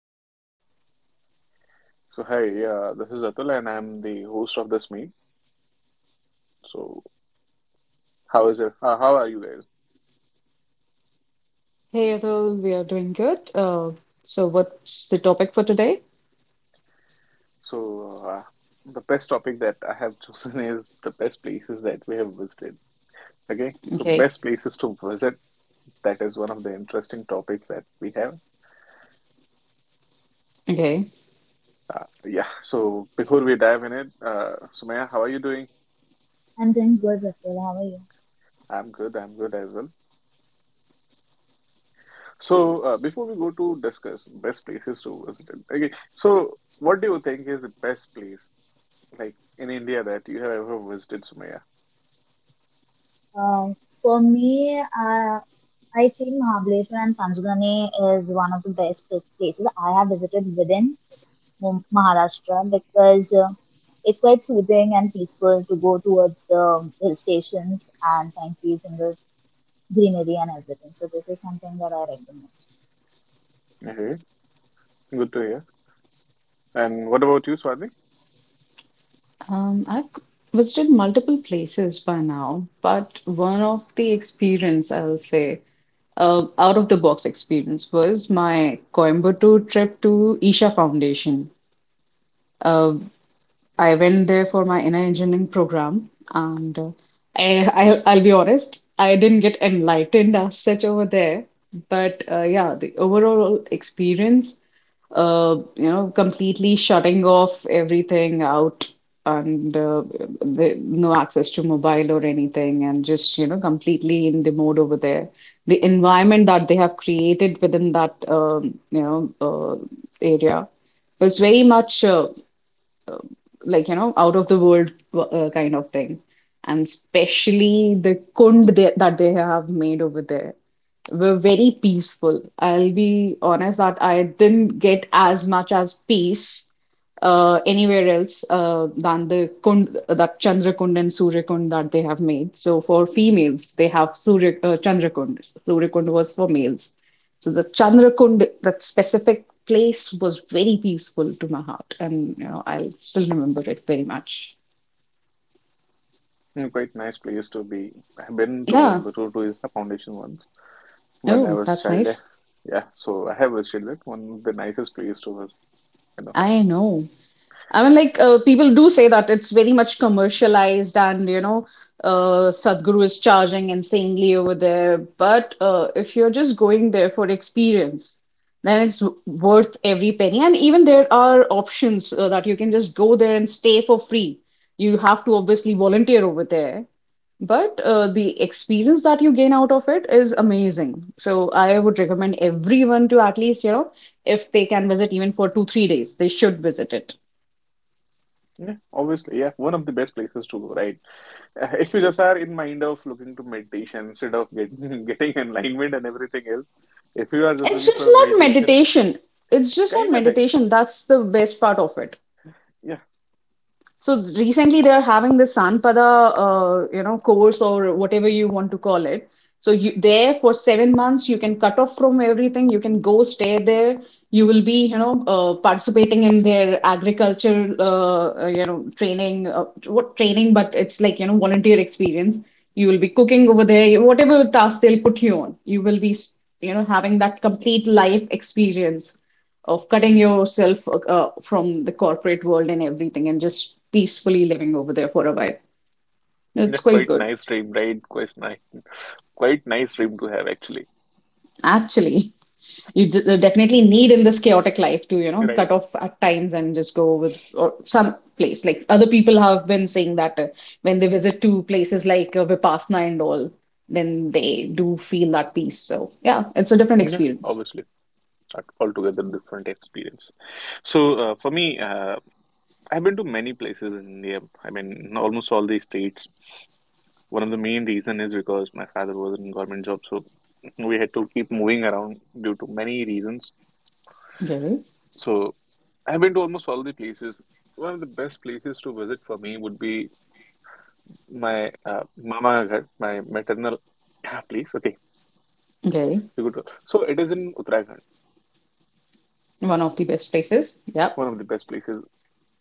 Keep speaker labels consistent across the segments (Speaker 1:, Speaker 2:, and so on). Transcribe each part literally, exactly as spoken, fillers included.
Speaker 1: Hi,
Speaker 2: So hi, yeah, This is Atul and I'm the host of this meet. So how is it? How, how are you guys?
Speaker 3: Hey Atul, we are doing good. Uh, so what's the topic for today?
Speaker 2: So uh, the best topic that I have chosen is the best places that we have visited. Okay, so
Speaker 3: Okay.
Speaker 2: best places to visit. That is one of the interesting topics that we have.
Speaker 3: Okay.
Speaker 2: Uh, yeah. So before we dive in it, uh, Sumaya, how are you doing?
Speaker 1: I'm doing good, Rachel. How are you?
Speaker 2: I'm good. I'm good as well. So uh, before we go to discuss best places to visit, okay. So what do you think is the best place? Like in India that you have ever visited, Sumaya.
Speaker 1: Uh, for me, uh, I feel Mahabaleshwar and Panchgani is one of the best pla- places I have visited within Mu- Maharashtra because uh, it's quite soothing and peaceful to go towards the hill stations and find peace in the greenery and everything. So this is something that I like the most.
Speaker 2: Okay, good to hear. And what about you, Swati?
Speaker 3: Um, I've visited multiple places by now, but one of the experience I'll say, uh, out of the box experience was my Coimbatore trip to Isha Foundation. Uh, I went there for my inner engineering program, and uh, I, I'll, I'll be honest, I didn't get enlightened as such over there. But uh, yeah, the overall experience, uh, you know, completely shutting off everything out and uh, the, no access to mobile or anything, and just, you know, completely in the mode over there. The environment that they have created within that, um, you know, uh, area was very much uh, uh, like you know out of the world uh, kind of thing, and especially the kund they, that they have made over there were very peaceful. I'll be honest that I didn't get as much as peace uh, anywhere else uh, than the kund, uh, that Chandra Kund and Surya Kund that they have made. So for females they have surya uh, Chandra Kund, Surya Kund was for males. So the Chandrakund, that specific place, was very peaceful to my heart, and you know I'll still remember it very much.
Speaker 2: Hmm, quite nice place to be. I've been to
Speaker 3: Yeah.
Speaker 2: Coimbatore to Isla Foundation once when I
Speaker 3: Oh,
Speaker 2: was
Speaker 3: that's
Speaker 2: child. eh,
Speaker 3: nice.
Speaker 2: Yeah, so I have visited it. One of the nicest place to visit, you know.
Speaker 3: I know. I mean, like uh, people do say that it's very much commercialized, and you know, uh, Sadhguru is charging insanely over there. But uh, if you're just going there for experience, then it's w- worth every penny. And even there are options uh, that you can just go there and stay for free. You have to obviously volunteer over there, but uh, the experience that you gain out of it is amazing. So I would recommend everyone to at least, you know, if they can visit even for two, three days, they should visit it.
Speaker 2: Yeah, obviously, yeah, one of the best places to go, right? Uh, if you just are in mind of looking to meditation instead of get getting enlightenment and everything else, if you are just
Speaker 3: It's
Speaker 2: looking
Speaker 3: just
Speaker 2: for
Speaker 3: not
Speaker 2: meditation
Speaker 3: meditation. It's just not
Speaker 2: kind of thing,
Speaker 3: meditation. That's the best part of it.
Speaker 2: yeah.
Speaker 3: So recently they are having this Sanpada, uh, you know, course or whatever you want to call it. So you there for seven months, you can cut off from everything. You can go stay there. You will be, you know, uh, participating in their agriculture, uh, uh, you know, training. Uh, what training? But it's like you know, volunteer experience. You will be cooking over there. Whatever task they'll put you on, you will be, you know, having that complete life experience of cutting yourself uh, from the corporate world and everything and just peacefully living over there for a while.
Speaker 2: Yeah,
Speaker 3: It's quite
Speaker 2: quite
Speaker 3: good.
Speaker 2: nice dream, right? Quite nice, quite nice dream to have actually,
Speaker 3: Actually, you d- uh, definitely need in this chaotic life to, you know,
Speaker 2: right?
Speaker 3: cut off at times and just go with or some place. Like other people have been saying that uh, when they visit to places like uh, Vipassana and all, then they do feel that peace. So, yeah, it's a different
Speaker 2: Yeah,
Speaker 3: experience.
Speaker 2: obviously, Al- altogether different experience. So uh, for me, uh, I've been to many places in India. I mean, almost all the states. One of the main reason is because my father was in government job, so we had to keep moving around due to many reasons.
Speaker 3: Okay.
Speaker 2: So I've been to almost all the places. One of the best places to visit for me would be my uh, mama ghar, my maternal place. Okay.
Speaker 3: Okay.
Speaker 2: You go to, so it is in Uttarakhand,
Speaker 3: One of the best places. Yeah.
Speaker 2: one of the best places.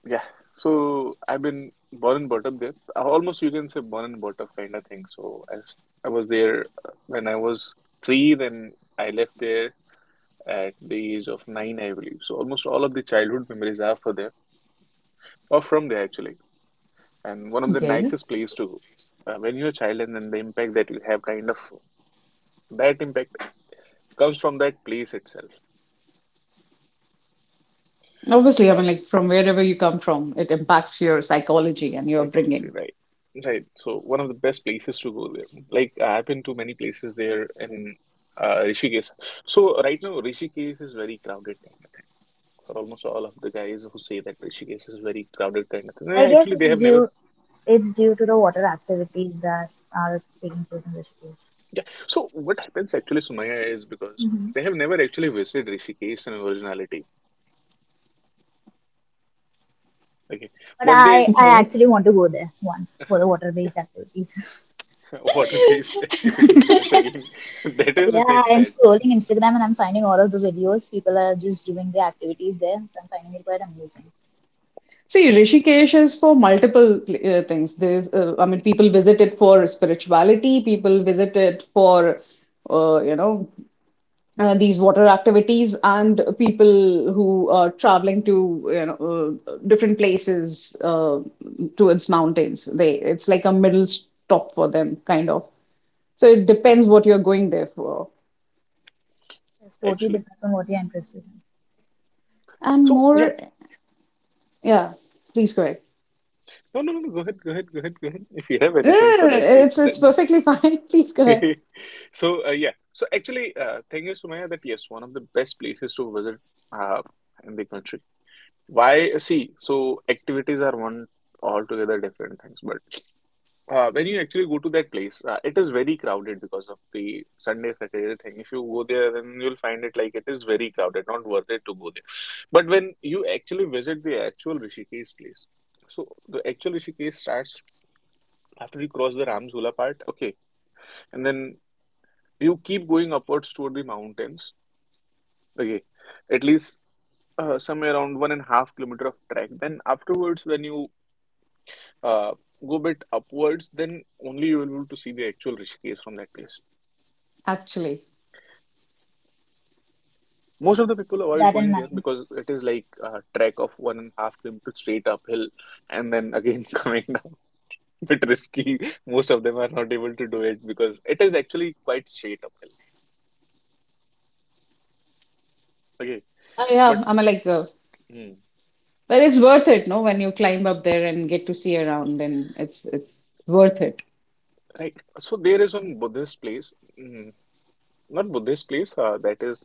Speaker 2: Yeah. So I've been born and brought up there. Almost you can say born and brought up kind of thing. So I, s- I was there uh, when I was three, then I left there at the age of nine, I believe. So almost all of the childhood memories are for there or from there actually. And one of the
Speaker 3: Okay.
Speaker 2: nicest place to go. Uh, when you're a child and then the impact that you have kind of, that impact comes from that place itself.
Speaker 3: Obviously, I
Speaker 2: Uh,
Speaker 3: mean, like from wherever you come from, it impacts your psychology and your
Speaker 2: Psychology,
Speaker 3: upbringing.
Speaker 2: right. Right. So one of the best places to go there. Like I've been to many places there in uh, Rishikesh. So right now Rishikesh is very crowded kind of thing. For almost all of the guys who say that Rishikesh is very crowded kind of thing, they
Speaker 1: I guess
Speaker 2: actually they
Speaker 1: it's
Speaker 2: have never.
Speaker 1: due it's due to the water activities that are taking place in Rishikesh.
Speaker 2: Yeah. So what happens actually, Sumaya, is because they have never actually visited Rishikesh in originality. Okay.
Speaker 1: But
Speaker 2: What
Speaker 1: I,
Speaker 2: they
Speaker 1: I
Speaker 3: Okay.
Speaker 1: actually want to go there once for the water
Speaker 2: Yeah,
Speaker 1: based activities.
Speaker 2: water-based
Speaker 1: Yeah,
Speaker 2: activities. Yes, again, that is the thing
Speaker 1: I'm
Speaker 2: that
Speaker 1: scrolling Instagram and I'm finding all of the videos. People are just doing the activities there. So I'm finding it quite amusing.
Speaker 3: See, Rishikesh is for multiple pl- uh, things. There's, uh, I mean, people visit it for spirituality, people visit it for, uh, you know, uh, these water activities, and people who are traveling to, you know, uh, different places uh, towards mountains. They, it's like a middle stop for them, kind of. So it
Speaker 2: that
Speaker 3: depends what you're going there for.
Speaker 1: It's totally
Speaker 2: actually.
Speaker 1: depends on what you're interested in.
Speaker 3: And
Speaker 2: So yeah.
Speaker 3: more. Yeah, please go ahead.
Speaker 2: No, no, no, no. Go ahead, go ahead, go ahead, go ahead. If you have
Speaker 3: No,
Speaker 2: anything
Speaker 3: no,
Speaker 2: for
Speaker 3: no, no,
Speaker 2: that, please.
Speaker 3: It's it's
Speaker 2: Right.
Speaker 3: perfectly fine. Please go ahead.
Speaker 2: So, uh, yeah. So, actually, uh, thing is, Sumaya, that yes, one of the best places to visit uh, in the country. Why? See, so activities are one altogether different things. But uh, when you actually go to that place, uh, it is very crowded because of the Sunday, Saturday thing. If you go there, then you'll find it like it is very crowded, not worth it to go there. But when you actually visit the actual Rishikesh place, so the actual Rishikesh starts after you cross the Ramchula part, okay, and then you keep going upwards toward the mountains, okay, at least uh, somewhere around one and a half kilometer of trek. Then afterwards, when you uh, go a bit upwards, then only you will be able to see the actual Rishikesh from that place.
Speaker 3: Actually,
Speaker 2: Most of the people
Speaker 1: Keep
Speaker 2: avoid
Speaker 1: that in
Speaker 2: going there
Speaker 1: mind.
Speaker 2: because it is like a trek of one and a half kilometer straight uphill and then again coming down. Bit risky. Most of them are not able to do it because it is actually quite straight uphill. Okay,
Speaker 3: I
Speaker 2: but.
Speaker 3: am. I'm like, uh,
Speaker 2: Hmm.
Speaker 3: but it's worth it, no? When you climb up there and get to see around, then it's it's worth it.
Speaker 2: Right. So there is one Buddhist place, mm, not Buddhist place, uh, that is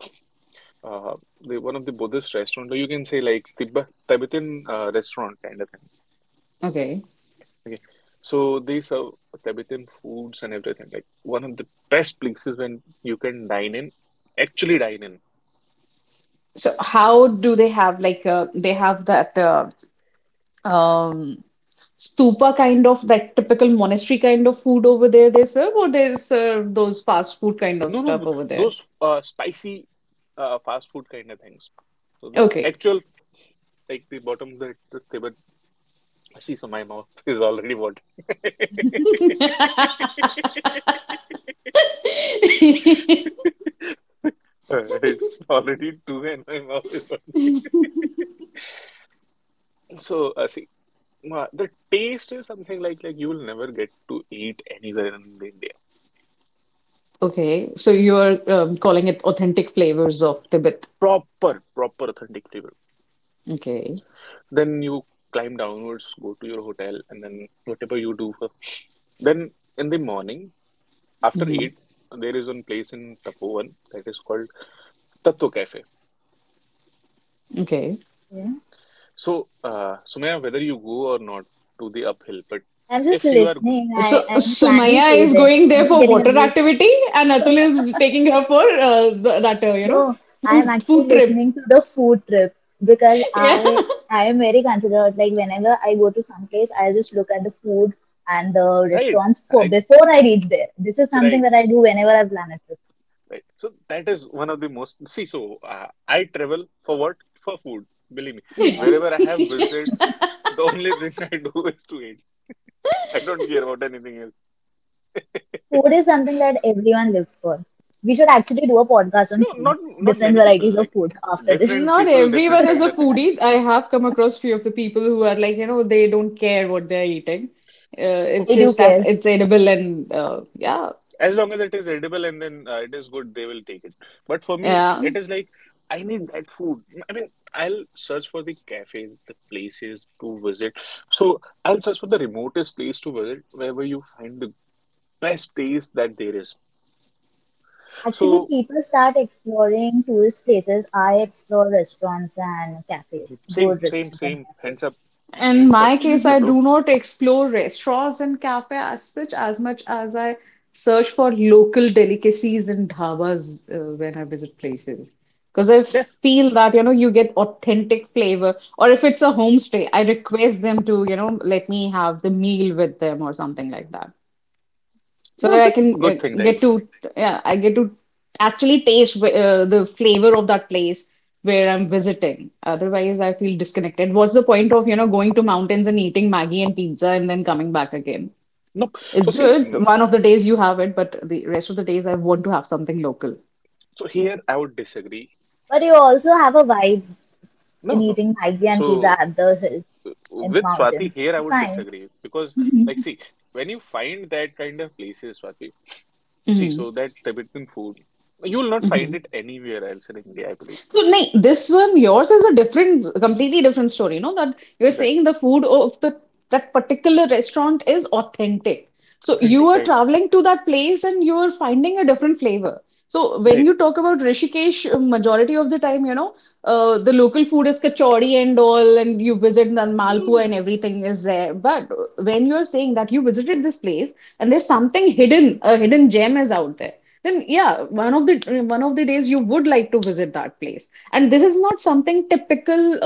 Speaker 2: uh, the one of the Buddhist restaurant, or you can say like Tibet, Tibetan uh, restaurant kind of thing.
Speaker 3: Okay.
Speaker 2: Okay. So they serve Tibetan foods and everything. Like one of the best places when you can dine in, actually dine in.
Speaker 3: So how do they have like uh, they have that uh, um stupa kind of that typical monastery kind of food over there they serve, or they serve those fast food kind of
Speaker 2: No, no,
Speaker 3: stuff
Speaker 2: th-
Speaker 3: over there?
Speaker 2: those uh, spicy uh, fast food kind of things. So the
Speaker 3: Okay.
Speaker 2: actual like the bottom of the, the Tibetan. I see, so my mouth is already watering. It's already two, and my mouth is watering. So, uh, see, uh, the taste is something like like you will never get to eat anywhere in the India.
Speaker 3: Okay, so you're um, calling it authentic flavors of Tibet.
Speaker 2: Proper, proper authentic flavor.
Speaker 3: Okay.
Speaker 2: Then you climb downwards, go to your hotel, and then whatever you do for. Then in the morning after
Speaker 3: Hmm.
Speaker 2: eight, there is one place in Tapovan that is called Tattoo Cafe.
Speaker 3: Okay.
Speaker 1: Yeah.
Speaker 2: So, uh, Sumaya, whether you go or not to the uphill, but
Speaker 1: I'm just
Speaker 2: if you are go-
Speaker 1: listening.
Speaker 3: So
Speaker 1: I, I'm planning
Speaker 3: Sumaya
Speaker 1: to
Speaker 3: is
Speaker 1: there.
Speaker 3: going
Speaker 1: I'm
Speaker 3: there
Speaker 1: just
Speaker 3: for
Speaker 1: getting
Speaker 3: water
Speaker 1: amused.
Speaker 3: activity, and Atul is taking her for uh, the, that uh, you know
Speaker 1: No, I'm
Speaker 3: food,
Speaker 1: actually
Speaker 3: food trip.
Speaker 1: listening to the food trip because
Speaker 3: Yeah.
Speaker 1: I I am very considerate. Like whenever I go to some place, I'll just look at the food and the
Speaker 2: right,
Speaker 1: restaurants for
Speaker 2: I
Speaker 1: before I reach there. This is something
Speaker 2: right,
Speaker 1: that I do whenever I plan a trip.
Speaker 2: right. So that is one of the most. See, so uh, I travel for what? For food. Believe me, wherever I have visited, the only thing I do is to eat. I don't care about anything else.
Speaker 1: Food is something that everyone lives for. We should actually do a podcast on
Speaker 2: No,
Speaker 1: food,
Speaker 2: not not
Speaker 1: different
Speaker 2: many people.
Speaker 1: varieties of
Speaker 2: Like
Speaker 1: food after this.
Speaker 2: different
Speaker 3: Not
Speaker 2: people, different
Speaker 3: everyone is
Speaker 2: kind
Speaker 3: a
Speaker 2: of thing.
Speaker 3: foodie. I have come across few of the people who are like, you know, they don't care what they're eating. Uh,
Speaker 2: For
Speaker 3: it's
Speaker 1: I
Speaker 2: me.
Speaker 1: do
Speaker 3: just that
Speaker 1: care.
Speaker 3: it's edible and uh, yeah,
Speaker 2: As long as it is edible and then uh, it is good, they will take it. But for me,
Speaker 3: yeah.
Speaker 2: it is like I need that food. I mean, I'll search for the cafes, the places to visit. So I'll search for the remotest place to visit, wherever you find the best taste that there is.
Speaker 1: Actually,
Speaker 2: So
Speaker 1: people start exploring tourist places. I explore restaurants and cafes,
Speaker 2: same,
Speaker 1: good
Speaker 2: same,
Speaker 1: restaurants and
Speaker 2: same. Hands
Speaker 1: cafes.
Speaker 2: up,
Speaker 3: In
Speaker 2: hands up,
Speaker 3: my case,
Speaker 2: hands up,
Speaker 3: I
Speaker 2: bro.
Speaker 3: do not explore restaurants and cafe as such as much as I search for local delicacies and dhabas uh, when I visit places. Because I
Speaker 2: Yeah,
Speaker 3: feel that, you know, you get authentic flavor. Or if it's a homestay, I request them to, you know, let me have the meal with them or something like that so
Speaker 2: no,
Speaker 3: that I
Speaker 2: good,
Speaker 3: can uh,
Speaker 2: good thing,
Speaker 3: get
Speaker 2: Ryan.
Speaker 3: to yeah, I get to actually taste wh- uh, the flavor of that place where I'm visiting. Otherwise, I feel disconnected. What's the point of, you know, going to mountains and eating Maggie and pizza and then coming back again?
Speaker 2: No, so
Speaker 3: It's
Speaker 2: see,
Speaker 3: good.
Speaker 2: mm,
Speaker 3: One of the days you have it, but the rest of the days I want to have something local.
Speaker 2: so here I would disagree.
Speaker 1: But you also have a vibe in
Speaker 2: No, no.
Speaker 1: eating Maggie and pizza
Speaker 2: So.
Speaker 1: at the hill in the
Speaker 2: With Swati
Speaker 1: mountains.
Speaker 2: here, I
Speaker 1: It's
Speaker 2: would
Speaker 1: fine.
Speaker 2: disagree because, like, see, when you find that kind of places, Swati, see,
Speaker 3: Hmm.
Speaker 2: so that Tibetan food, you will not find it anywhere else in India, I believe.
Speaker 3: So, nay, this one, yours is a different, completely different story. You know that you're
Speaker 2: Right.
Speaker 3: saying the food of the that particular restaurant is authentic. So you
Speaker 2: Authentic,
Speaker 3: are
Speaker 2: right?
Speaker 3: traveling to that place and you're finding a different flavor. So when
Speaker 2: Right.
Speaker 3: you talk about Rishikesh, uh, majority of the time, you know, uh, the local food is kachori and all, and you visit the
Speaker 2: No, no.
Speaker 3: Malpua
Speaker 2: No.
Speaker 3: and everything is there. But when you're saying that you visited this place and there's something hidden, a hidden gem is out there, then yeah, one of the one of the days you would like to visit that place. And this is not something typical,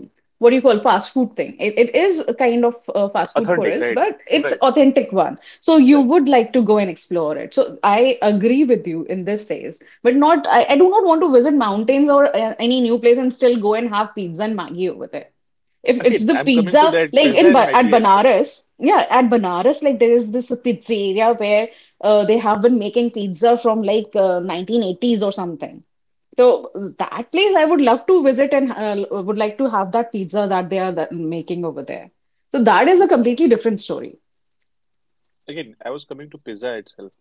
Speaker 3: uh, what do you call fast food thing. It, it is a kind of uh, fast food for
Speaker 2: Authentic,
Speaker 3: us,
Speaker 2: right?
Speaker 3: but it's
Speaker 2: Right.
Speaker 3: authentic one. So you
Speaker 2: Right.
Speaker 3: would like to go and explore it. So I agree with you in this case, but not I, I do not want to visit mountains or uh, any new place and still go and have pizza and Maggi over there. If it's
Speaker 2: Again,
Speaker 3: the
Speaker 2: I'm coming to
Speaker 3: pizza,
Speaker 2: that
Speaker 3: like
Speaker 2: pizza
Speaker 3: in
Speaker 2: and
Speaker 3: Ba- at
Speaker 2: Maggie itself.
Speaker 3: Banaras, yeah, at Banaras, like there is this pizzeria where uh, they have been making pizza from like uh, nineteen eighties or something. So that place I would love to visit and uh, would like to have that pizza that they are that making over there. So that is
Speaker 2: No
Speaker 3: a
Speaker 2: problem.
Speaker 3: completely different story.
Speaker 2: Again, I was coming to pizza itself.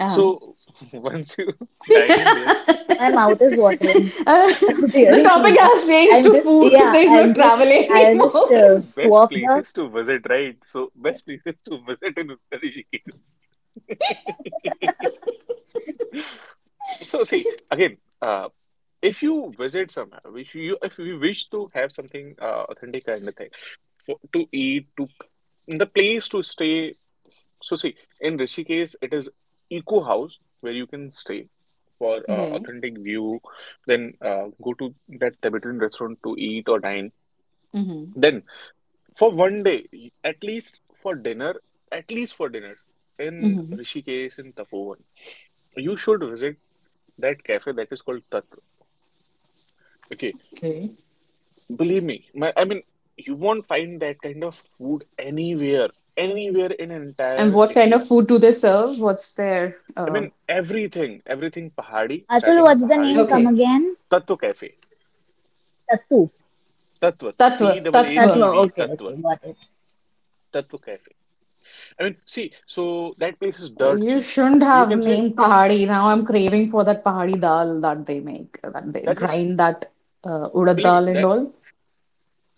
Speaker 3: uh
Speaker 2: So once you dine in there,
Speaker 1: My mouth is watering
Speaker 3: Uh,
Speaker 1: after
Speaker 3: the
Speaker 1: hearing
Speaker 3: topic
Speaker 1: pizza.
Speaker 3: has changed
Speaker 1: I'm
Speaker 3: to
Speaker 1: just,
Speaker 3: food.
Speaker 1: yeah,
Speaker 3: There is no
Speaker 1: I'm
Speaker 3: travel
Speaker 1: just, I
Speaker 2: um,
Speaker 1: just
Speaker 3: anymore.
Speaker 1: uh,
Speaker 2: there's best
Speaker 1: swap the.
Speaker 2: places to visit, right? So best places to visit in Uttar Rishikesh. So see, again, uh, if you visit somewhere, which you if you wish to have something uh, authentic kind of thing w- to eat, to the place to stay. So see, in Rishikesh, it is eco house where you can stay for uh,
Speaker 3: Okay.
Speaker 2: authentic view. Then uh, go to that Tibetan restaurant to eat or dine.
Speaker 3: Mm-hmm.
Speaker 2: Then. For one day, at least for dinner, at least for dinner, in
Speaker 3: Mm-hmm.
Speaker 2: Rishikesh, in Tapovan, you should visit that cafe that is called Tat. Okay,
Speaker 3: Okay.
Speaker 2: believe me, my, I mean, you won't find that kind of food anywhere, anywhere in
Speaker 3: And
Speaker 2: entire
Speaker 3: what kind of
Speaker 2: India.
Speaker 3: food do they serve? What's their
Speaker 2: I
Speaker 3: uh,
Speaker 2: mean, everything, everything Pahadi,
Speaker 1: Atul,
Speaker 2: starting
Speaker 1: what's the
Speaker 2: Pahadi
Speaker 1: name? Come
Speaker 2: to
Speaker 3: okay.
Speaker 1: again?
Speaker 2: Tatva Cafe,
Speaker 1: Tattu.
Speaker 2: Tatva, T
Speaker 3: Tatva,
Speaker 2: double A
Speaker 3: tatva.
Speaker 1: Tatwa.
Speaker 2: T V,
Speaker 1: Okay,
Speaker 2: Tatva,
Speaker 1: okay, got it.
Speaker 2: Tatva Cafe. I mean, see, so that place is dirt
Speaker 3: You
Speaker 2: cheap.
Speaker 3: shouldn't
Speaker 2: You
Speaker 3: have
Speaker 2: can say
Speaker 3: named pahadi. Now I'm craving for that pahadi dal that they make, that they
Speaker 2: that is,
Speaker 3: grind that uh, urad
Speaker 2: believe me,
Speaker 3: dal and
Speaker 2: that.
Speaker 3: all.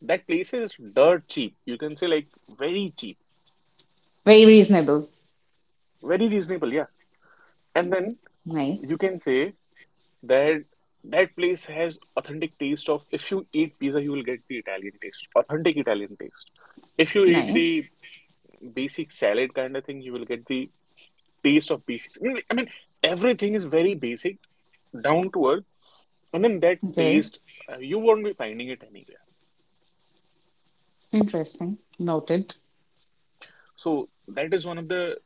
Speaker 2: That place is dirt cheap. You can say like very cheap,
Speaker 3: Very reasonable.
Speaker 2: very reasonable, yeah. And then
Speaker 3: Nice,
Speaker 2: you can say that that place has authentic taste of if you eat pizza, you will get the Italian taste, authentic Italian taste. If you eat
Speaker 3: nice.
Speaker 2: the basic salad kind of thing, you will get the taste of basic. I mean, I mean, everything is very basic, down to earth, and then that
Speaker 3: Okay,
Speaker 2: taste uh, you won't be finding it anywhere.
Speaker 3: interesting. Noted.
Speaker 2: So that is one of the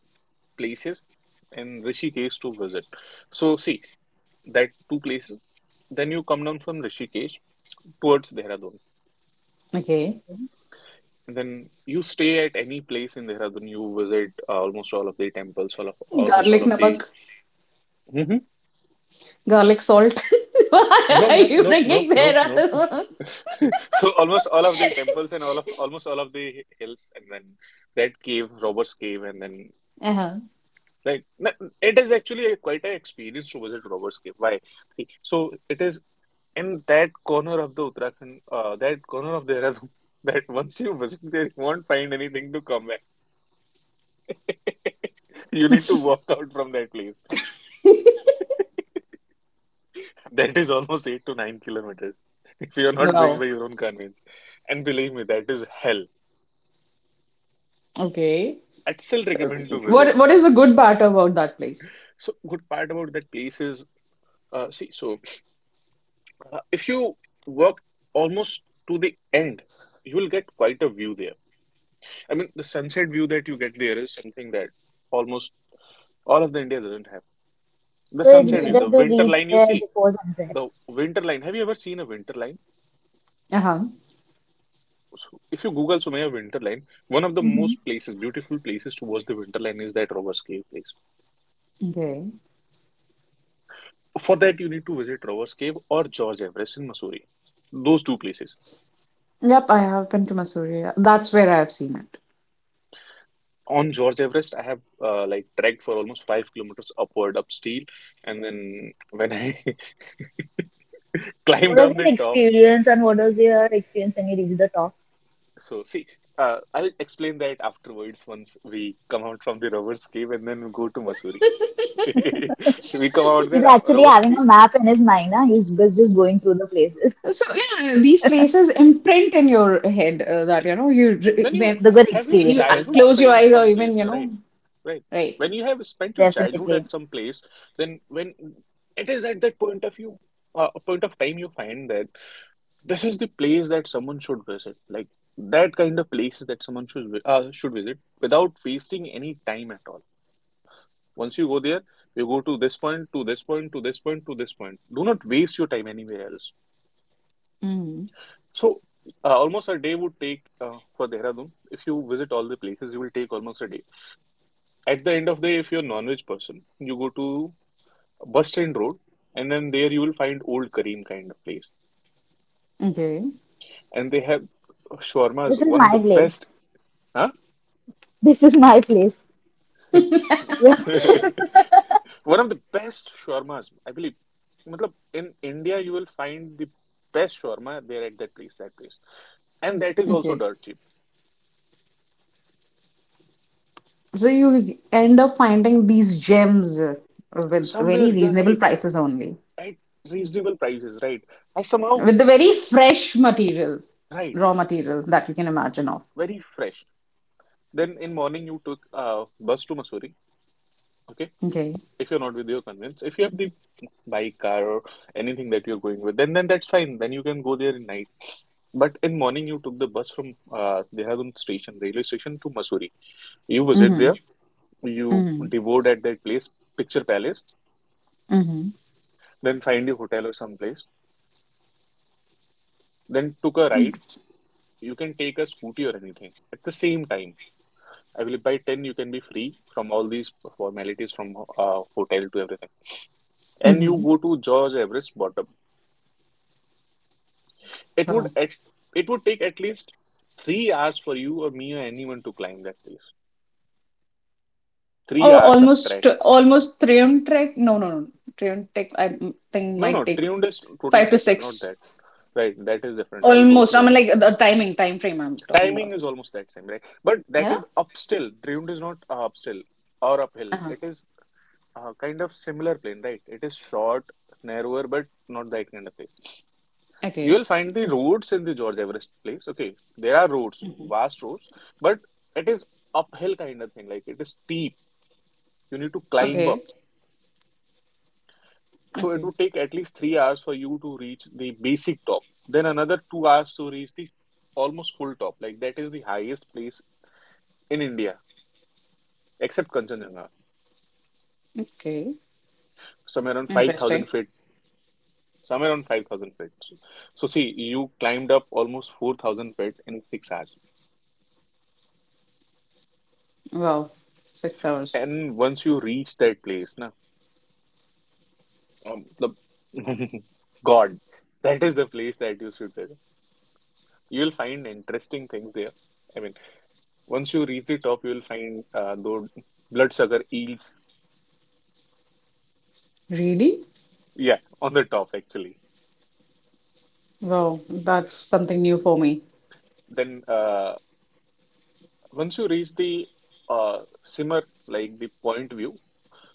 Speaker 2: places in Rishikesh to visit. So see that two places. Then you come down from Rishikesh towards Dehradun.
Speaker 3: Okay.
Speaker 2: And then you stay at any place in Dehradun. You visit uh, almost all of the temples, all of almost all
Speaker 3: Garlic
Speaker 2: of the.
Speaker 3: namak,
Speaker 2: Mm-hmm.
Speaker 3: garlic salt. Why
Speaker 2: Nope,
Speaker 3: are
Speaker 2: nope,
Speaker 3: you
Speaker 2: nope, nope,
Speaker 3: bringing
Speaker 2: nope,
Speaker 3: there?
Speaker 2: nope. So almost all of the temples and all of almost all of the hills, and then that cave, Robert's Cave, and then
Speaker 3: Uh-huh.
Speaker 2: like n- it is actually a, quite an experience to visit Robert's Cave. Why? See, so it is in that corner of the Uttarakhand, uh, that corner of Dehradun, that once you visit there, you won't find anything to come back. You need to walk out from that place. That is almost eight to nine kilometers if you are not going
Speaker 3: Wow.
Speaker 2: by your own convenience. And believe me, that is hell.
Speaker 3: Okay.
Speaker 2: I'd still recommend to visit.
Speaker 3: What what is the good part about that place?
Speaker 2: So, good part about that place is, uh, see, so uh, if you walk almost to the end, you will get quite a view there. I mean, the sunset view that you get there is something that almost all of the India doesn't have the
Speaker 1: So it's
Speaker 2: sunset view,
Speaker 3: Okay.
Speaker 1: better
Speaker 2: the
Speaker 1: to
Speaker 2: winter
Speaker 1: reach
Speaker 2: line you
Speaker 1: there
Speaker 2: see.
Speaker 1: before sunset.
Speaker 2: The winter line. Have you ever seen a winter line?
Speaker 3: Uh-huh.
Speaker 2: So if you Google Sumaya winter line, one of the
Speaker 1: hmm
Speaker 2: most places, beautiful places to watch the winter line is that Rover's Cave place.
Speaker 3: Okay.
Speaker 2: For that, you need to visit Rover's Cave or George Everest in Missouri. Those two places.
Speaker 3: Yep, I have been to Missouri. That's where I've seen it.
Speaker 2: On George Everest, I have uh, like trekked for almost five kilometers upward up steel, and then when I climbed
Speaker 1: What was
Speaker 2: down the
Speaker 1: your
Speaker 2: top.
Speaker 1: experience and what was your experience when you reached the top?
Speaker 2: So see, uh, I'll explain that afterwards once we come out from the rover's cave and then we go to Missouri. We come out the
Speaker 1: He's
Speaker 2: ro-
Speaker 1: actually
Speaker 2: robbers
Speaker 1: having a
Speaker 2: cave
Speaker 1: map in his mind. Huh? He's just, just going through the places,
Speaker 3: So yeah, these places imprint in your head uh, that
Speaker 2: and
Speaker 3: you know you re-
Speaker 2: when you
Speaker 3: when
Speaker 1: the good
Speaker 2: have your
Speaker 3: when you uh,
Speaker 1: experiences,
Speaker 2: childhood
Speaker 1: right?
Speaker 3: close your
Speaker 2: spent
Speaker 3: eyes or
Speaker 2: some
Speaker 3: even
Speaker 2: place,
Speaker 3: you
Speaker 2: no,
Speaker 3: know,
Speaker 2: right? Right.
Speaker 3: right.
Speaker 2: When you have spent your childhood
Speaker 1: Definitely.
Speaker 2: at some place, then when it is at that point of you, uh, point of time, you find that this is the place that someone should visit. Like that kind of places that someone should vi- uh, should visit without wasting any time at all. Once you go there, you go to this point, to this point, to this point, to this point. Do not waste your time anywhere else.
Speaker 3: Hmm.
Speaker 2: So, uh, almost a day would take uh, for Dehradun. If you visit all the places, you will take almost a day. At the end of the day, if you're a non-veg person, you go to Bus Stand Road, and then there you will find Old Kareem kind of place.
Speaker 3: Okay.
Speaker 2: And they have shawarmas,
Speaker 1: This is
Speaker 2: one of
Speaker 1: my
Speaker 2: the best.
Speaker 1: place.
Speaker 2: Huh?
Speaker 1: This is my place. When
Speaker 2: One of the best shawarmas, I believe. Matlab, in India, you will find the best shawarma there at that place, that place. And that is also
Speaker 3: Okay.
Speaker 2: dirt cheap.
Speaker 3: So you end up finding these gems uh, with
Speaker 2: Somewhere
Speaker 3: very
Speaker 2: they are
Speaker 3: reasonable
Speaker 2: right
Speaker 3: prices only,
Speaker 2: at reasonable prices, right? I somehow
Speaker 3: with the very fresh material,
Speaker 2: right,
Speaker 3: raw material that you can imagine of.
Speaker 2: very fresh. Then in morning you took uh bus to Mussoorie, okay?
Speaker 3: Okay.
Speaker 2: If you're not with your convince, if you have the bike, car, or anything that you're going with, then then that's fine. Then you can go there in night. But in morning you took the bus from uh Dehradun station, railway station to Mussoorie. You visit
Speaker 3: Mm-hmm.
Speaker 2: there, you
Speaker 3: Mm-hmm.
Speaker 2: devoured at that place, Picture Palace,
Speaker 3: Mm-hmm.
Speaker 2: then find your hotel or some place, then took a ride. You can take a scooty or anything at the same time. I believe by ten you can be free from all these formalities, from uh, hotel to everything. And you
Speaker 3: Mm-hmm.
Speaker 2: go to George Everest bottom. It would at it would take at least three hours for you or me or anyone to climb that place. Three
Speaker 3: Oh,
Speaker 2: hours of
Speaker 3: almost
Speaker 2: trek.
Speaker 3: almost Trium Trek. No, no, no. Trium Trek, I m- think
Speaker 2: No,
Speaker 3: might
Speaker 2: no,
Speaker 3: take
Speaker 2: Triumph is totally
Speaker 3: five to
Speaker 2: different, not
Speaker 3: six.
Speaker 2: that. Right, that is different. I'll go
Speaker 3: Almost. I
Speaker 2: through that.
Speaker 3: mean, like
Speaker 2: Hmm.
Speaker 3: the timing, time frame I'm talking about.
Speaker 2: Timing is almost that same, right? But that
Speaker 3: Yeah?
Speaker 2: is up still. Driund is not uh, up still or uphill.
Speaker 3: Uh-huh.
Speaker 2: It is uh, kind of similar plane, right? It is short, narrower, but not that kind of place. You
Speaker 3: Okay.
Speaker 2: will find the roads in the George Everest place. Okay, there are roads,
Speaker 3: Mhm.
Speaker 2: vast roads, but it is uphill kind of thing. Like it is steep. You need to climb
Speaker 3: Okay.
Speaker 2: up. So it
Speaker 3: Okay.
Speaker 2: would take at least three hours for you to reach the basic top. Then another two hours to reach the almost full top. Like that is the highest place in India, except Kanchenjunga.
Speaker 3: Okay.
Speaker 2: Somewhere around
Speaker 3: Interesting.
Speaker 2: five thousand feet, somewhere around five thousand feet, so, so see, you climbed up almost four thousand feet in six hours,
Speaker 3: Wow. Six hours.
Speaker 2: and once you reach that place, na, um, the- god, that is the place that you should visit. You will find interesting things there. I mean, once you reach the top, you will find uh, those bloodsucker eels.
Speaker 3: Really?
Speaker 2: Yeah, on the top actually.
Speaker 3: Wow. That's something new for me.
Speaker 2: Then uh, once you reach the uh, simmer, like the point view.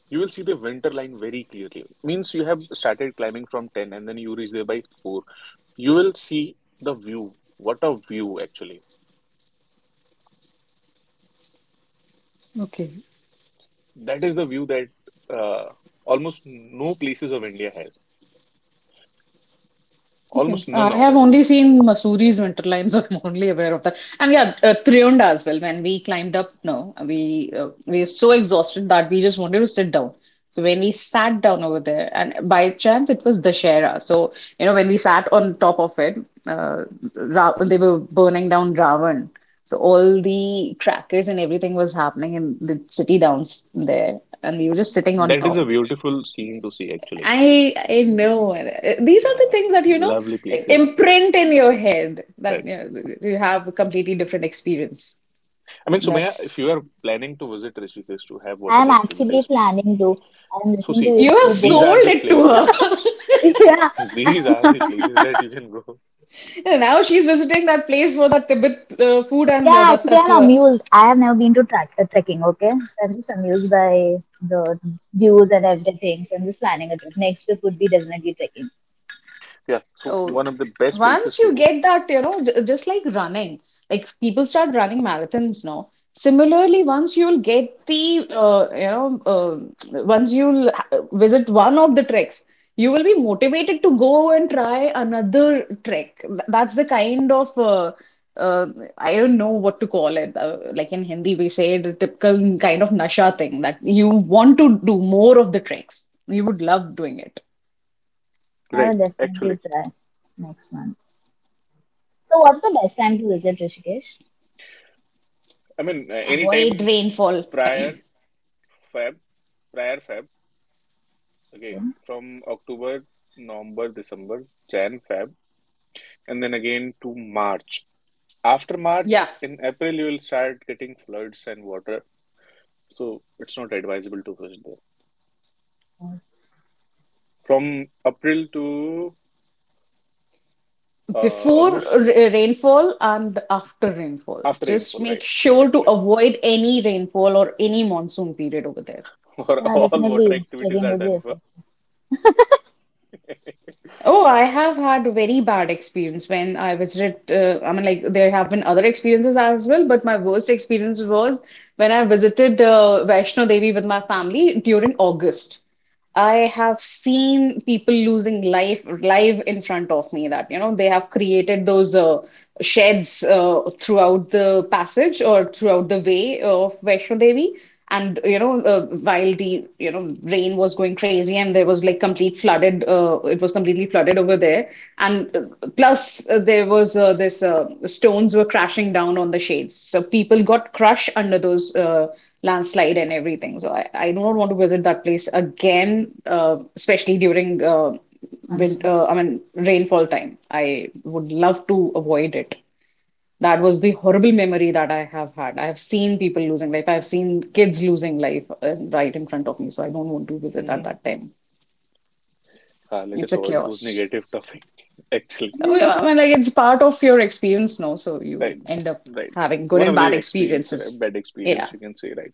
Speaker 2: You will see the winter line very clearly. Means you have started climbing from ten and then you reach there by four. You will see the view. What a view, actually.
Speaker 3: Okay.
Speaker 2: That is the view that uh, almost no places of India has.
Speaker 3: Okay.
Speaker 2: Almost
Speaker 3: Uh,
Speaker 2: none
Speaker 3: I
Speaker 2: of
Speaker 3: have
Speaker 2: it.
Speaker 3: only seen Mussoorie winter limes. So I'm only aware of that. And yeah, uh, Triunda as well. When we climbed up, no, we uh, we were so exhausted that we just wanted to sit down. So when we sat down over there, and by chance it was Dashera. So you know when we sat on top of it, uh, Ra they were burning down Ravan. So all the crackers and everything was happening in the city down there, and we were just sitting on
Speaker 2: That is a
Speaker 3: top.
Speaker 2: beautiful scene to see, actually.
Speaker 3: I I know. These are the
Speaker 2: Uh,
Speaker 3: things that, you know,
Speaker 2: lovely places.
Speaker 3: imprint in your head that
Speaker 2: Right.
Speaker 3: you know, you have a completely different experience.
Speaker 2: I mean, Sumaya, if
Speaker 3: That's
Speaker 2: you are planning to visit Rishikesh to have
Speaker 1: I
Speaker 2: water
Speaker 1: am actually
Speaker 2: activities,
Speaker 1: planning to, I am
Speaker 2: so
Speaker 1: listening to
Speaker 2: see,
Speaker 1: you
Speaker 3: you have
Speaker 1: two
Speaker 2: these
Speaker 3: sold
Speaker 2: are
Speaker 1: boys.
Speaker 2: the
Speaker 3: it to her.
Speaker 2: places.
Speaker 1: Yeah,
Speaker 2: These are the places that you can go.
Speaker 3: And now she's visiting that place for that Tibet uh, food and the,
Speaker 1: yeah.
Speaker 3: the
Speaker 1: Actually, I'm
Speaker 3: tattwa.
Speaker 1: amused. I have never been to track, uh, trekking. Okay, so I'm just amused by the views and everything. So I'm just planning a trip. Next trip would be definitely trekking.
Speaker 2: Yeah, so
Speaker 3: Oh,
Speaker 2: one of the best places
Speaker 3: once
Speaker 2: to
Speaker 3: you
Speaker 2: go.
Speaker 3: get that, you know, j- just like running, like people start running marathons now. Similarly, once you'll get the, uh, you know, uh, once you'll ha- visit one of the treks, you will be motivated to go and try another trek. Th- That's the kind of, uh, uh, I don't know what to call it. Uh, like in Hindi, we say the typical kind of nasha thing that you want to do more of the treks. You would love doing it.
Speaker 1: I
Speaker 2: Right,
Speaker 1: will definitely
Speaker 2: actually.
Speaker 1: try next month. So, what's the best time to visit Rishikesh?
Speaker 2: I mean, uh, any
Speaker 3: Avoid
Speaker 2: time
Speaker 3: rainfall
Speaker 2: prior
Speaker 3: time.
Speaker 2: Feb, prior Feb, okay,
Speaker 1: Yeah,
Speaker 2: from October, November, December, Jan, Feb, and then again to March. After March,
Speaker 3: Yeah,
Speaker 2: in April, you will start getting floods and water, so it's not advisable to fish there. From April to uh,
Speaker 3: before r-
Speaker 2: almost
Speaker 3: uh, rainfall and after rainfall.
Speaker 2: after
Speaker 3: Just
Speaker 2: rainfall,
Speaker 3: make
Speaker 2: right?
Speaker 3: sure to
Speaker 2: Actually,
Speaker 3: avoid any rainfall or any monsoon period over there.
Speaker 2: or
Speaker 1: yeah,
Speaker 2: all
Speaker 1: definitely
Speaker 2: water activities
Speaker 1: trekking
Speaker 2: are
Speaker 1: would be
Speaker 2: done
Speaker 1: a
Speaker 2: for.
Speaker 1: fun.
Speaker 3: Oh, I have had very bad experience when I visited. Uh, I mean, like there have been other experiences as well, but my worst experience was when I visited uh, Vaishno Devi with my family during August. I have seen people losing life live in front of me that, you know, they have created those uh, sheds uh, throughout the passage or throughout the way of Vaishno Devi. And, you know, uh, while the, you know, rain was going crazy and there was like complete flooded, uh, it was completely flooded over there. And uh, plus uh, there was uh, this uh, stones were crashing down on the shades. So people got crushed under those. Uh, landslide and everything. So I, I do not want to visit that place again, uh, especially during uh,
Speaker 1: I've
Speaker 3: win uh, I mean rainfall time. I would love to avoid it. That was the horrible memory that I have had. I have seen people losing life. I have seen kids losing life uh, right in front of me. So I don't want to visit at
Speaker 2: hmm
Speaker 3: that time.
Speaker 2: Let
Speaker 3: It's
Speaker 2: us
Speaker 3: a
Speaker 2: avoid those
Speaker 3: chaos.
Speaker 2: negative topics, actually.
Speaker 3: Oh, yeah, I mean, like it's part of your experience now, so you
Speaker 2: Right,
Speaker 3: end up
Speaker 2: right.
Speaker 3: having good
Speaker 2: One
Speaker 3: and
Speaker 2: of
Speaker 3: bad
Speaker 2: the experience, right,
Speaker 3: experiences.
Speaker 2: bad experience,
Speaker 3: Yeah,
Speaker 2: you can say, right?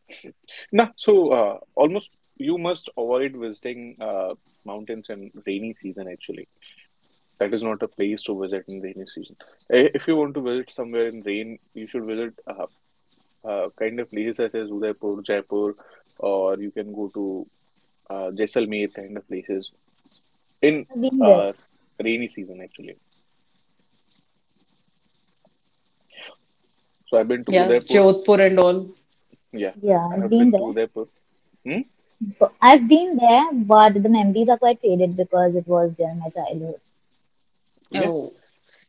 Speaker 2: Now, so uh, almost you must avoid visiting uh, mountains in rainy season, actually. That is not a place to visit in rainy season. I- If you want to visit somewhere in rain, you should visit uh, uh, kind of places such as Udaipur, Jaipur, or you can go to uh, Jaisalmer kind of places in
Speaker 1: been there.
Speaker 2: uh, rainy season, actually. So I've been to
Speaker 3: yeah,
Speaker 2: Udaipur.
Speaker 3: Jodhpur and all.
Speaker 2: Yeah,
Speaker 1: Yeah,
Speaker 2: I
Speaker 1: I've
Speaker 2: have
Speaker 1: been
Speaker 2: been
Speaker 1: there.
Speaker 2: to Udaipur. Hmm?
Speaker 1: So I've been there, but the memories are quite faded because it was during my childhood.
Speaker 2: Yeah,
Speaker 3: Oh.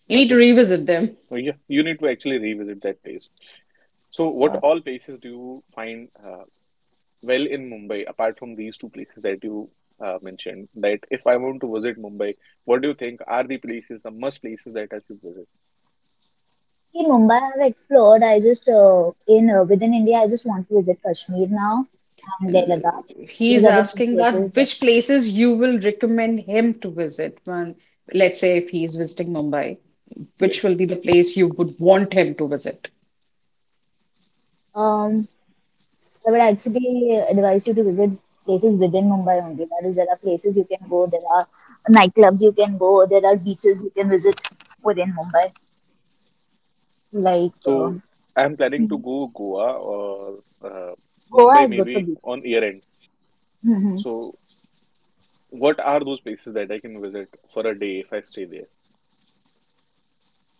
Speaker 3: You need to
Speaker 2: okay.
Speaker 3: revisit them.
Speaker 2: Oh, yeah, you need to actually revisit that place. So, what
Speaker 1: Yeah.
Speaker 2: all places do you find uh, well in Mumbai, apart from these two places that you uh, mentioned? That if I want to visit Mumbai, what do you think are the places, the must places that I should visit?
Speaker 1: See, Mumbai I've explored. I just uh, in uh, within India, I just want to visit Kashmir now and Leh
Speaker 3: And
Speaker 1: Ladakh. These
Speaker 3: He's
Speaker 1: are the two
Speaker 3: asking
Speaker 1: places
Speaker 3: that
Speaker 1: that
Speaker 3: which places you will recommend him to visit when, let's say, if he's visiting Mumbai,
Speaker 2: Right.
Speaker 3: which will be the place you would want him to visit?
Speaker 1: um I would actually advise you to visit places within Mumbai only. That is, there are places you can go, there are nightclubs you can go, there are beaches you can visit within Mumbai. Like uh,
Speaker 2: So, I'm planning to go Goa or uh,
Speaker 1: Goa
Speaker 2: Mumbai
Speaker 1: is good for
Speaker 2: maybe on
Speaker 1: beaches.
Speaker 2: year end. So, what are those places that I can visit for a day if I stay there?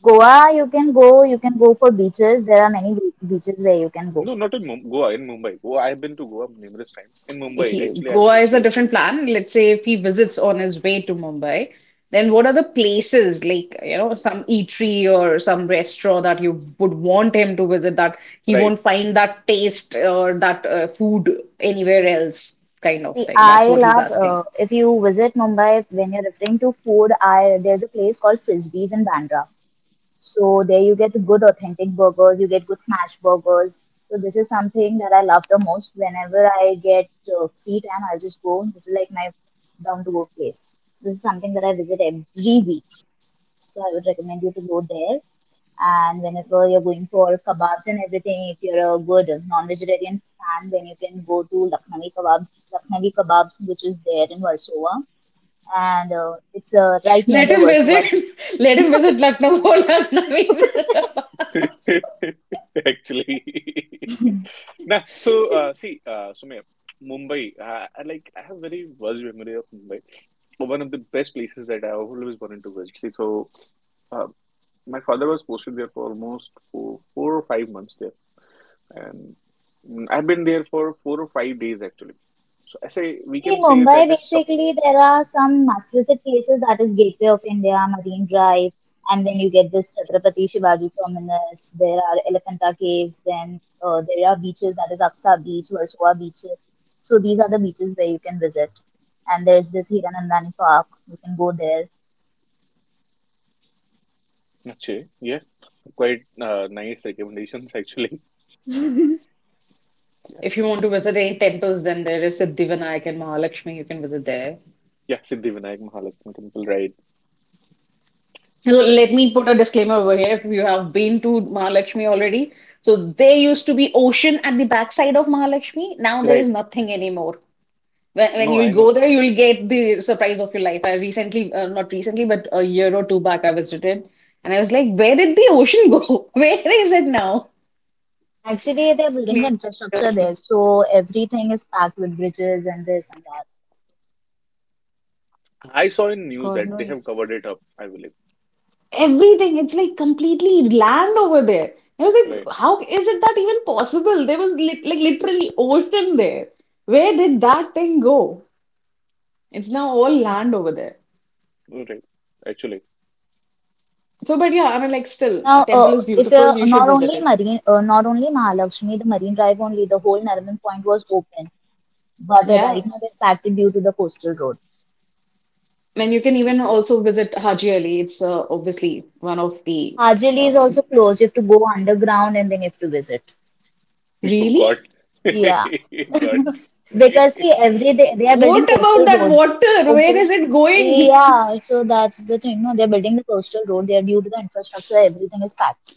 Speaker 1: Goa, you can go. You can go for beaches. There are many be- beaches where you can go.
Speaker 2: No, not in Mum Goa, in Mumbai. Goa, I've been to Goa numerous times. In Mumbai,
Speaker 3: He,
Speaker 2: actually, I've
Speaker 3: Goa
Speaker 2: never
Speaker 3: is a
Speaker 2: stayed there.
Speaker 3: different plan. Let's say if he visits on his way to Mumbai, then what are the places like, you know, some eatery or some restaurant that you would want him to visit that he
Speaker 2: Right.
Speaker 3: won't find that taste or that uh, food anywhere else kind of
Speaker 1: See,
Speaker 3: thing? That's
Speaker 1: I
Speaker 3: what he's
Speaker 1: love
Speaker 3: asking.
Speaker 1: uh, if you visit Mumbai when you're referring to food. I there's a place called Frisbees in Bandra. So there you get good authentic burgers. You get good smash burgers. So this is something that I love the most. Whenever I get uh, free time, I'll just go. This is like my down to go place. So this is something that I visit every week. So I would recommend you to go there. And whenever you're going for kebabs and everything, if you're a good non-vegetarian fan, then you can go to Lucknowi Kebab, Lucknowi Kebabs, which is there in Warsaw, and uh, it's uh, right near
Speaker 3: Let
Speaker 1: the
Speaker 3: him
Speaker 1: Warsaw
Speaker 3: visit.
Speaker 1: Beach.
Speaker 3: Let him visit Lucknow for Lucknow.
Speaker 2: Actually, nah. So uh, see, uh, Sumaya, Mumbai. Uh, I like I have very vast memory of Mumbai. One of the best places that I always wanted to visit. See, so uh, my father was posted there for almost four, four or five months there, and mm, I've been there for four or five days actually. So I say we can
Speaker 1: See,
Speaker 2: say
Speaker 1: Mumbai,
Speaker 2: that is sub.
Speaker 1: basically, there are some must-visit places that is Gateway of India, Marine Drive, and then you get this Chhatrapati Shivaji Terminus. There are Elephanta Caves, then uh, there are beaches that is Aksa Beach, Versova Beach. So these are the beaches where you can visit. And there's this Hiranandani Park. You can go there.
Speaker 2: Okay, yeah, quite uh, nice recommendations actually. Yeah,
Speaker 3: If you want to visit any temples, then there is Siddhivinayak and Mahalakshmi. You can visit there.
Speaker 2: yeah, Siddhivinayak Mahalakshmi Temple, right,
Speaker 3: So
Speaker 2: right,
Speaker 3: let me put a disclaimer over here. If you have been to Mahalakshmi already, so there used to be ocean at the backside of Mahalakshmi. Now there is
Speaker 2: right.
Speaker 3: nothing anymore. When, when
Speaker 2: No,
Speaker 3: you'll
Speaker 2: I
Speaker 3: go
Speaker 2: know.
Speaker 3: there, you'll get the surprise of your life. I recently, uh, not recently, but a year or two back, I visited, and I was like, "Where did the ocean go? Where is it now?"
Speaker 1: Actually, they're building the infrastructure there, so everything is packed with bridges and this and that.
Speaker 2: I saw in
Speaker 3: God
Speaker 2: news that they
Speaker 3: knows.
Speaker 2: have covered it up, I believe.
Speaker 3: Everything, it's like completely land over there. I was like,
Speaker 2: Right.
Speaker 3: how is it that even possible? There was li like literally ocean there. Where did that thing go? It's now all land over there.
Speaker 2: Oh, right. Actually.
Speaker 3: So, but yeah, I mean, like, still,
Speaker 1: Now,
Speaker 3: a
Speaker 1: uh,
Speaker 3: temple is
Speaker 1: if uh,
Speaker 3: beautiful. You
Speaker 1: not
Speaker 3: should
Speaker 1: only
Speaker 3: visit it.
Speaker 1: Marine, uh, not only Mahalakshmi, the Marine Drive only, the whole Nariman Point was open, but uh, right
Speaker 3: Yeah.
Speaker 1: now they've packed it due to the coastal road.
Speaker 3: And you can even also visit Haji Ali. It's uh, obviously one of the.
Speaker 1: Hajili is
Speaker 3: Uh,
Speaker 1: also closed. You have to go underground and then you have to visit.
Speaker 2: You
Speaker 3: Really?
Speaker 2: God.
Speaker 1: Yeah,
Speaker 2: You got.
Speaker 1: because see, every day they are
Speaker 3: What
Speaker 1: building
Speaker 3: about
Speaker 1: coastal
Speaker 3: that
Speaker 1: road.
Speaker 3: water? Where
Speaker 1: Okay.
Speaker 3: is it going?
Speaker 1: Yeah, so that's the thing. No, they're building the coastal road. They're due to the infrastructure, everything is packed.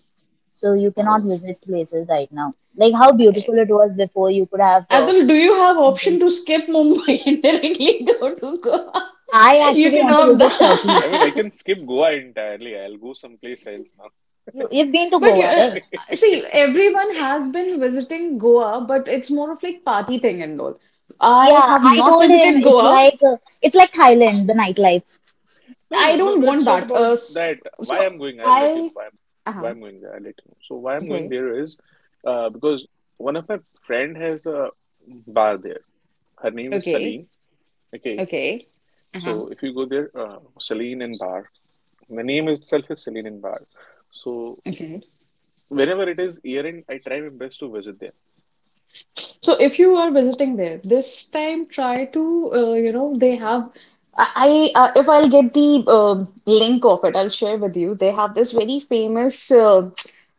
Speaker 1: So you cannot
Speaker 3: Oh,
Speaker 1: visit places right now. Like how beautiful it was before. You could have. Uh,
Speaker 3: Adil, do you have option
Speaker 1: things.
Speaker 3: to skip Mumbai and directly go to Goa?
Speaker 1: I
Speaker 3: You
Speaker 1: actually
Speaker 3: can
Speaker 1: want to
Speaker 3: opt
Speaker 1: visit Turkey.
Speaker 2: I mean, I
Speaker 3: that.
Speaker 2: can skip Goa entirely. I'll go someplace else now.
Speaker 1: You you've been to
Speaker 3: But you,
Speaker 1: Goa,
Speaker 3: uh,
Speaker 1: right?
Speaker 3: see, everyone has been visiting Goa, but it's more of like party thing and all. I
Speaker 1: Yeah,
Speaker 3: have
Speaker 1: I
Speaker 3: not
Speaker 1: told him
Speaker 3: visited
Speaker 1: it's
Speaker 3: Goa.
Speaker 2: So,
Speaker 1: like uh, it's like Thailand, the nightlife.
Speaker 2: no, no,
Speaker 3: I
Speaker 2: no,
Speaker 3: don't
Speaker 2: no,
Speaker 3: want
Speaker 2: it's not
Speaker 3: that.
Speaker 2: about
Speaker 3: Uh, s-
Speaker 2: that.
Speaker 3: so
Speaker 2: Why I'm going, I'll let you know.
Speaker 3: I,
Speaker 2: Why I'm,
Speaker 3: uh-huh.
Speaker 2: why I'm going there, I'll let you know. So, why I'm going
Speaker 3: Okay.
Speaker 2: there is uh, because one of my friend has a bar there. Her name is
Speaker 3: Okay.
Speaker 2: Saleen. Okay,
Speaker 3: Okay. Uh-huh.
Speaker 2: so if you go there, uh, Saleen and bar. My name itself is Celine Bar. So
Speaker 3: Okay.
Speaker 2: whenever it is year end, I try my best to visit there.
Speaker 3: So if you are visiting there this time, try to uh, you know they have I, I uh, if I'll get the um link of it, I'll share with you. They have this very famous uh,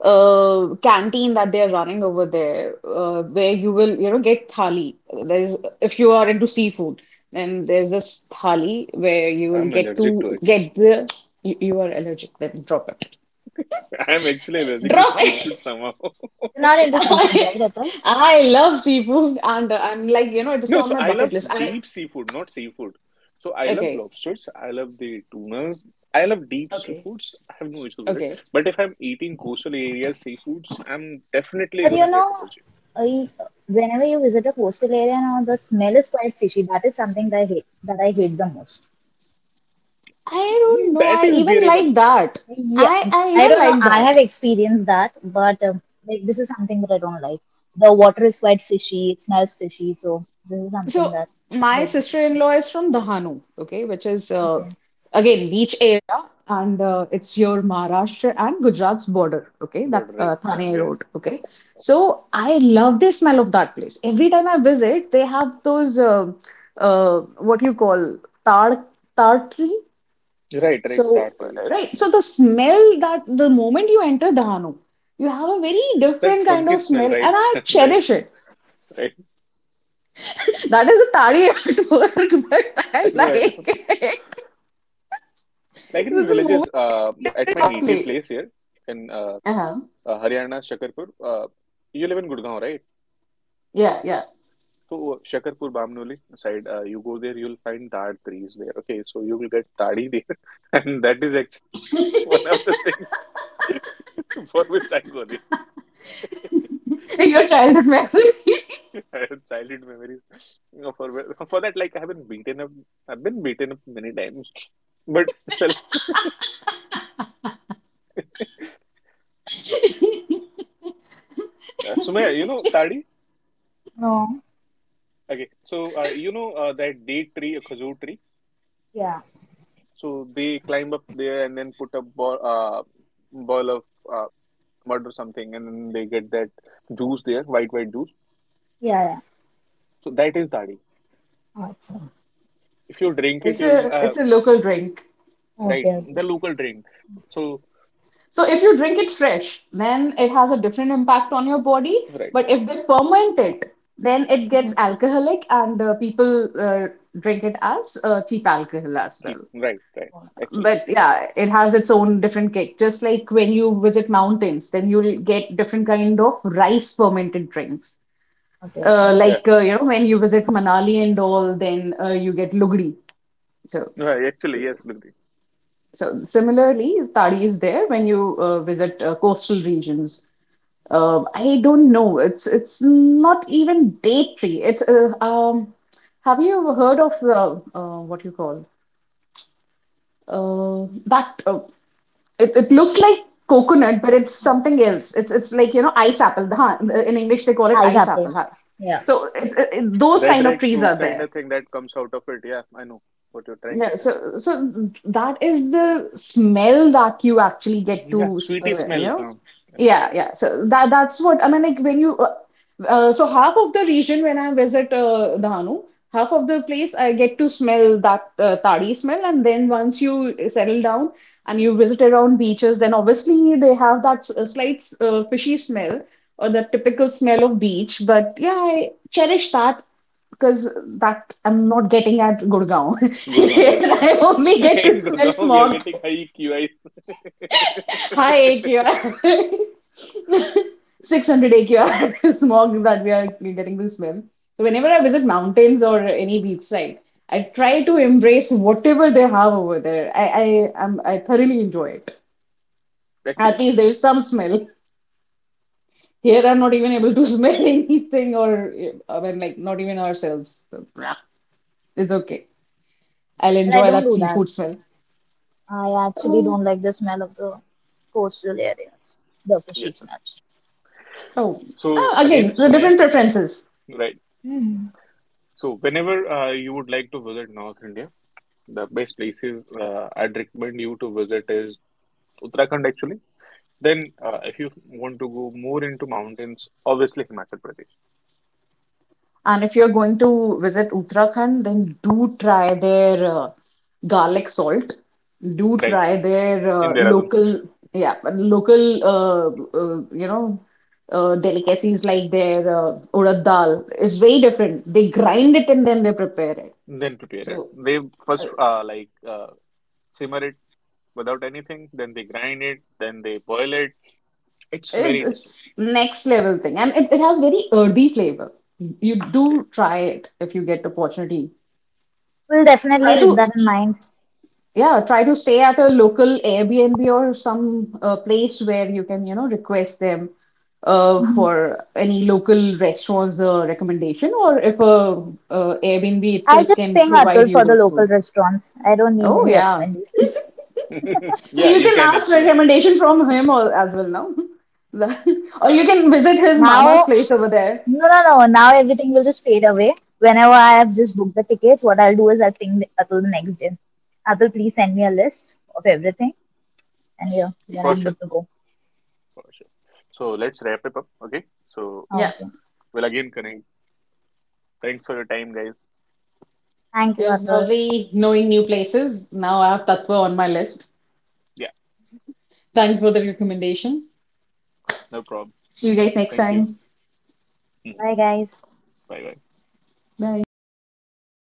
Speaker 3: uh, canteen that they're running over there, uh, where you will you know get thali. There's if you are into seafood, then there's this thali where you will
Speaker 2: I'm
Speaker 3: get
Speaker 2: allergic to
Speaker 3: to
Speaker 2: it.
Speaker 3: get the you, you are allergic. Then drop it.
Speaker 2: I'm actually allergic to
Speaker 3: Drop it.
Speaker 2: seafood somehow.
Speaker 1: You're not into seafood,
Speaker 3: I
Speaker 1: right, Atul?
Speaker 3: I love seafood and uh, I'm like, you know, it is
Speaker 2: No,
Speaker 3: on
Speaker 2: so
Speaker 3: my
Speaker 2: I love
Speaker 3: bucket list. I
Speaker 2: deep seafood, not seafood. So I love
Speaker 3: okay,
Speaker 2: lobsters, I love the tunas, I love deep
Speaker 3: Okay.
Speaker 2: seafoods. I have no issues with it.
Speaker 3: okay.
Speaker 2: But if I'm eating coastal areas seafoods, I'm definitely
Speaker 1: But you
Speaker 2: gonna get
Speaker 1: know,
Speaker 2: allergic.
Speaker 1: I, whenever you visit a coastal area, now the smell is quite fishy. That is something that I hate. That I hate the most.
Speaker 3: I don't
Speaker 2: Mm,
Speaker 3: know.
Speaker 2: that
Speaker 3: I
Speaker 2: is
Speaker 3: even like
Speaker 2: bearable.
Speaker 3: that.
Speaker 1: Yeah,
Speaker 3: I I
Speaker 1: I
Speaker 3: even
Speaker 1: don't know.
Speaker 3: like
Speaker 1: I have
Speaker 3: that.
Speaker 1: experienced that, but um, like this is something that I don't like. The water is quite fishy. It smells fishy, so this is something
Speaker 3: So
Speaker 1: that
Speaker 3: my
Speaker 1: doesn't suit me.
Speaker 3: sister-in-law is from Dahanu, okay, which is uh,
Speaker 1: Okay.
Speaker 3: again beach area, and uh, it's your Maharashtra and Gujarat's border, okay,
Speaker 2: But
Speaker 3: that
Speaker 2: right,
Speaker 3: uh, Thane
Speaker 2: Dhanvir.
Speaker 3: Road, okay. So I love the smell of that place. Every time I visit, they have those uh, uh, what you call tar tar tree.
Speaker 2: Right, right,
Speaker 3: So
Speaker 2: tartar
Speaker 3: uh,
Speaker 2: is.
Speaker 3: right, so
Speaker 2: Mm.
Speaker 3: the smell that the moment you enter Dahanu, you have a very
Speaker 2: That
Speaker 3: different kind
Speaker 2: funky
Speaker 3: of
Speaker 2: smell,
Speaker 3: smell, and
Speaker 2: right?
Speaker 3: I
Speaker 2: That
Speaker 3: cherish it.
Speaker 2: right.
Speaker 3: That is a tari at work, but
Speaker 2: I
Speaker 3: I
Speaker 2: know, I
Speaker 3: like
Speaker 2: know.
Speaker 3: it.
Speaker 2: Like
Speaker 3: This is
Speaker 2: in
Speaker 3: a moment
Speaker 2: villages, uh, at my
Speaker 3: of
Speaker 2: native
Speaker 3: play.
Speaker 2: place here in uh,
Speaker 3: Uh-huh.
Speaker 2: uh, Haryana, Shakarpur, uh, you live in Gurgaon, right?
Speaker 3: Yeah, yeah.
Speaker 2: So Shakarpur, Bamnoli side, uh, you go there, you'll find dad trees there. Okay, so you will get tadi there, and that is actually one of the things for which I go there.
Speaker 3: Your childhood memory.
Speaker 2: I have childhood memories. You know, for wh- for that, like I have been beaten up. I've been beaten up many times, but still. Uh, Sumaya, you know tadi?
Speaker 1: No.
Speaker 2: Okay, so uh, you know uh, that date tree, a kazoo tree.
Speaker 1: Yeah.
Speaker 2: So they climb up there and then put a ball, uh, ball of uh, mud or something, and then they get that juice there, white white juice.
Speaker 1: Yeah. Yeah.
Speaker 2: So that is dadi.
Speaker 1: Awesome.
Speaker 2: If you drink it,
Speaker 3: It's
Speaker 2: you'll
Speaker 3: a
Speaker 2: uh,
Speaker 3: it's a local drink.
Speaker 2: right
Speaker 1: Okay.
Speaker 2: the
Speaker 1: Okay.
Speaker 2: local drink. So
Speaker 3: So if you drink it fresh, then it has a different impact on your body.
Speaker 2: right,
Speaker 3: But if they ferment it, then it gets
Speaker 1: Mhm.
Speaker 3: alcoholic, and uh, people uh, drink it as uh, cheap alcohol as well.
Speaker 2: keep right, right. Actually,
Speaker 3: But yeah, it has its own different kick. Just like when you visit mountains, then you'll get different kind of rice fermented drinks.
Speaker 1: Okay, okay.
Speaker 3: Uh,
Speaker 2: yeah,
Speaker 3: like uh, you know, when you visit Manali and all, then uh, you get lugdi. So,
Speaker 2: right, actually yes, Lugdi.
Speaker 3: so similarly, tadi is there when you uh, visit uh, coastal regions. Uh, I don't know. It's it's not even date tree. It's uh, um. Have you heard of uh, uh, what you call uh, that? Uh, It, it looks like coconut, but it's something else. It's it's like you know ice apple. Huh? In English, they call it
Speaker 1: Ah,
Speaker 3: ice
Speaker 1: exactly.
Speaker 3: apple. Huh?
Speaker 1: Yeah.
Speaker 3: So it, it, it- those
Speaker 2: Red
Speaker 3: kind of
Speaker 2: red
Speaker 3: trees are
Speaker 2: fruit kind
Speaker 3: there.
Speaker 2: of thing that comes out of it. Yeah, I know what you're trying to
Speaker 3: Yeah,
Speaker 2: say.
Speaker 3: so so that is the smell that you actually get
Speaker 2: Mhm, yeah,
Speaker 3: to,
Speaker 2: sweety
Speaker 3: uh, you
Speaker 2: smell.
Speaker 3: know.
Speaker 2: Um, I know.
Speaker 3: Yeah, yeah. So that that's what I mean. Like when you, uh, uh, so half of the region when I visit uh, Dahanu, half of the place I get to smell that uh, tadi smell, and then once you settle down and you visit around beaches, then obviously they have that s- uh, slight uh, fishy smell or the typical smell of beach. But yeah, I cherish that because that I'm not getting at Gurgaon.
Speaker 2: Gurgaon, right?
Speaker 3: I only get to
Speaker 2: In
Speaker 3: smell
Speaker 2: Gurgaon, we are
Speaker 3: smog.
Speaker 2: getting high Q Is.
Speaker 3: High A Q R. six hundred A Q R smog that we are getting to smell. So whenever I visit mountains or any beach side, I try to embrace whatever they have over there. I I am I thoroughly enjoy it.
Speaker 2: Actually,
Speaker 3: At least there is some smell. Here I'm not even able to smell anything or uh, I mean like not even ourselves. So, yeah, it's okay. I'll
Speaker 1: But I
Speaker 3: enjoy
Speaker 1: don't
Speaker 3: that
Speaker 1: do that.
Speaker 3: seafood smell.
Speaker 1: I actually don't like the smell of the coastal areas, the
Speaker 2: yeah.
Speaker 1: fishy smell.
Speaker 3: Oh, uh,
Speaker 2: So
Speaker 3: again,
Speaker 2: again,
Speaker 3: the
Speaker 2: Sumaya,
Speaker 3: different preferences.
Speaker 2: right?
Speaker 1: hmm
Speaker 2: So whenever uh, you would like to visit North India, the best places uh, I'd recommend you to visit is Uttarakhand. Actually, then uh, if you want to go more into mountains, obviously Himachal Pradesh,
Speaker 3: And if you're going to visit Uttarakhand, then do try their uh, garlic salt. Do
Speaker 2: right?
Speaker 3: try their
Speaker 2: In
Speaker 3: uh,
Speaker 2: Dehradun,
Speaker 3: local, yeah, but local, uh, uh, you know, uh, delicacies like their uh, urad dal. It's very different. They grind it and then they prepare it.
Speaker 2: then prepare it.
Speaker 3: So
Speaker 2: They
Speaker 3: uh,
Speaker 2: first uh, like uh, simmer it without anything, then they grind it, then they boil it. It's
Speaker 3: it's,
Speaker 2: very different.
Speaker 3: it's next level thing, and it, it has very earthy flavor. You do
Speaker 2: Right.
Speaker 3: try it if you get opportunity.
Speaker 1: We'll
Speaker 3: Try
Speaker 1: definitely keep
Speaker 3: to.
Speaker 1: that in mind.
Speaker 3: Yeah, try to stay at a local Airbnb or some uh, place where you can, you know, request them uh,
Speaker 1: hmm
Speaker 3: for any local restaurant's uh, recommendation, or if a uh, Airbnb
Speaker 1: I'll
Speaker 3: itself
Speaker 1: just
Speaker 3: can
Speaker 1: ping
Speaker 3: provide
Speaker 1: Atul
Speaker 3: you
Speaker 1: for the
Speaker 3: those
Speaker 1: local
Speaker 3: food.
Speaker 1: restaurants. I don't need
Speaker 3: Oh,
Speaker 1: any
Speaker 3: yeah.
Speaker 1: recommendations.
Speaker 3: So
Speaker 2: Yeah,
Speaker 3: you
Speaker 2: you
Speaker 3: can
Speaker 2: can
Speaker 3: ask
Speaker 2: actually,
Speaker 3: recommendation from him or as well now. Or you can visit his mama's
Speaker 1: Now,
Speaker 3: place over there.
Speaker 1: no, no, no. Now everything will just fade away. Whenever I have just booked the tickets, what I'll do is I'll ping Atul the next day. Atul, please send me a list of everything. And yeah, then
Speaker 2: for
Speaker 1: I'm
Speaker 2: sure,
Speaker 1: good to go.
Speaker 2: for sure. So let's wrap it up, okay? So
Speaker 3: Yeah,
Speaker 1: Okay.
Speaker 2: we'll again connect. Thanks for your time, guys.
Speaker 1: Thank
Speaker 3: it
Speaker 1: you,
Speaker 3: was
Speaker 1: Atul.
Speaker 3: lovely knowing new places. Now I have Tatva on my list.
Speaker 2: Yeah,
Speaker 3: Thanks for the recommendation.
Speaker 2: no problem.
Speaker 3: See you guys next
Speaker 2: Thank you.
Speaker 3: time.
Speaker 2: Mhm.
Speaker 1: Bye, guys.
Speaker 2: Bye bye.
Speaker 3: Bye.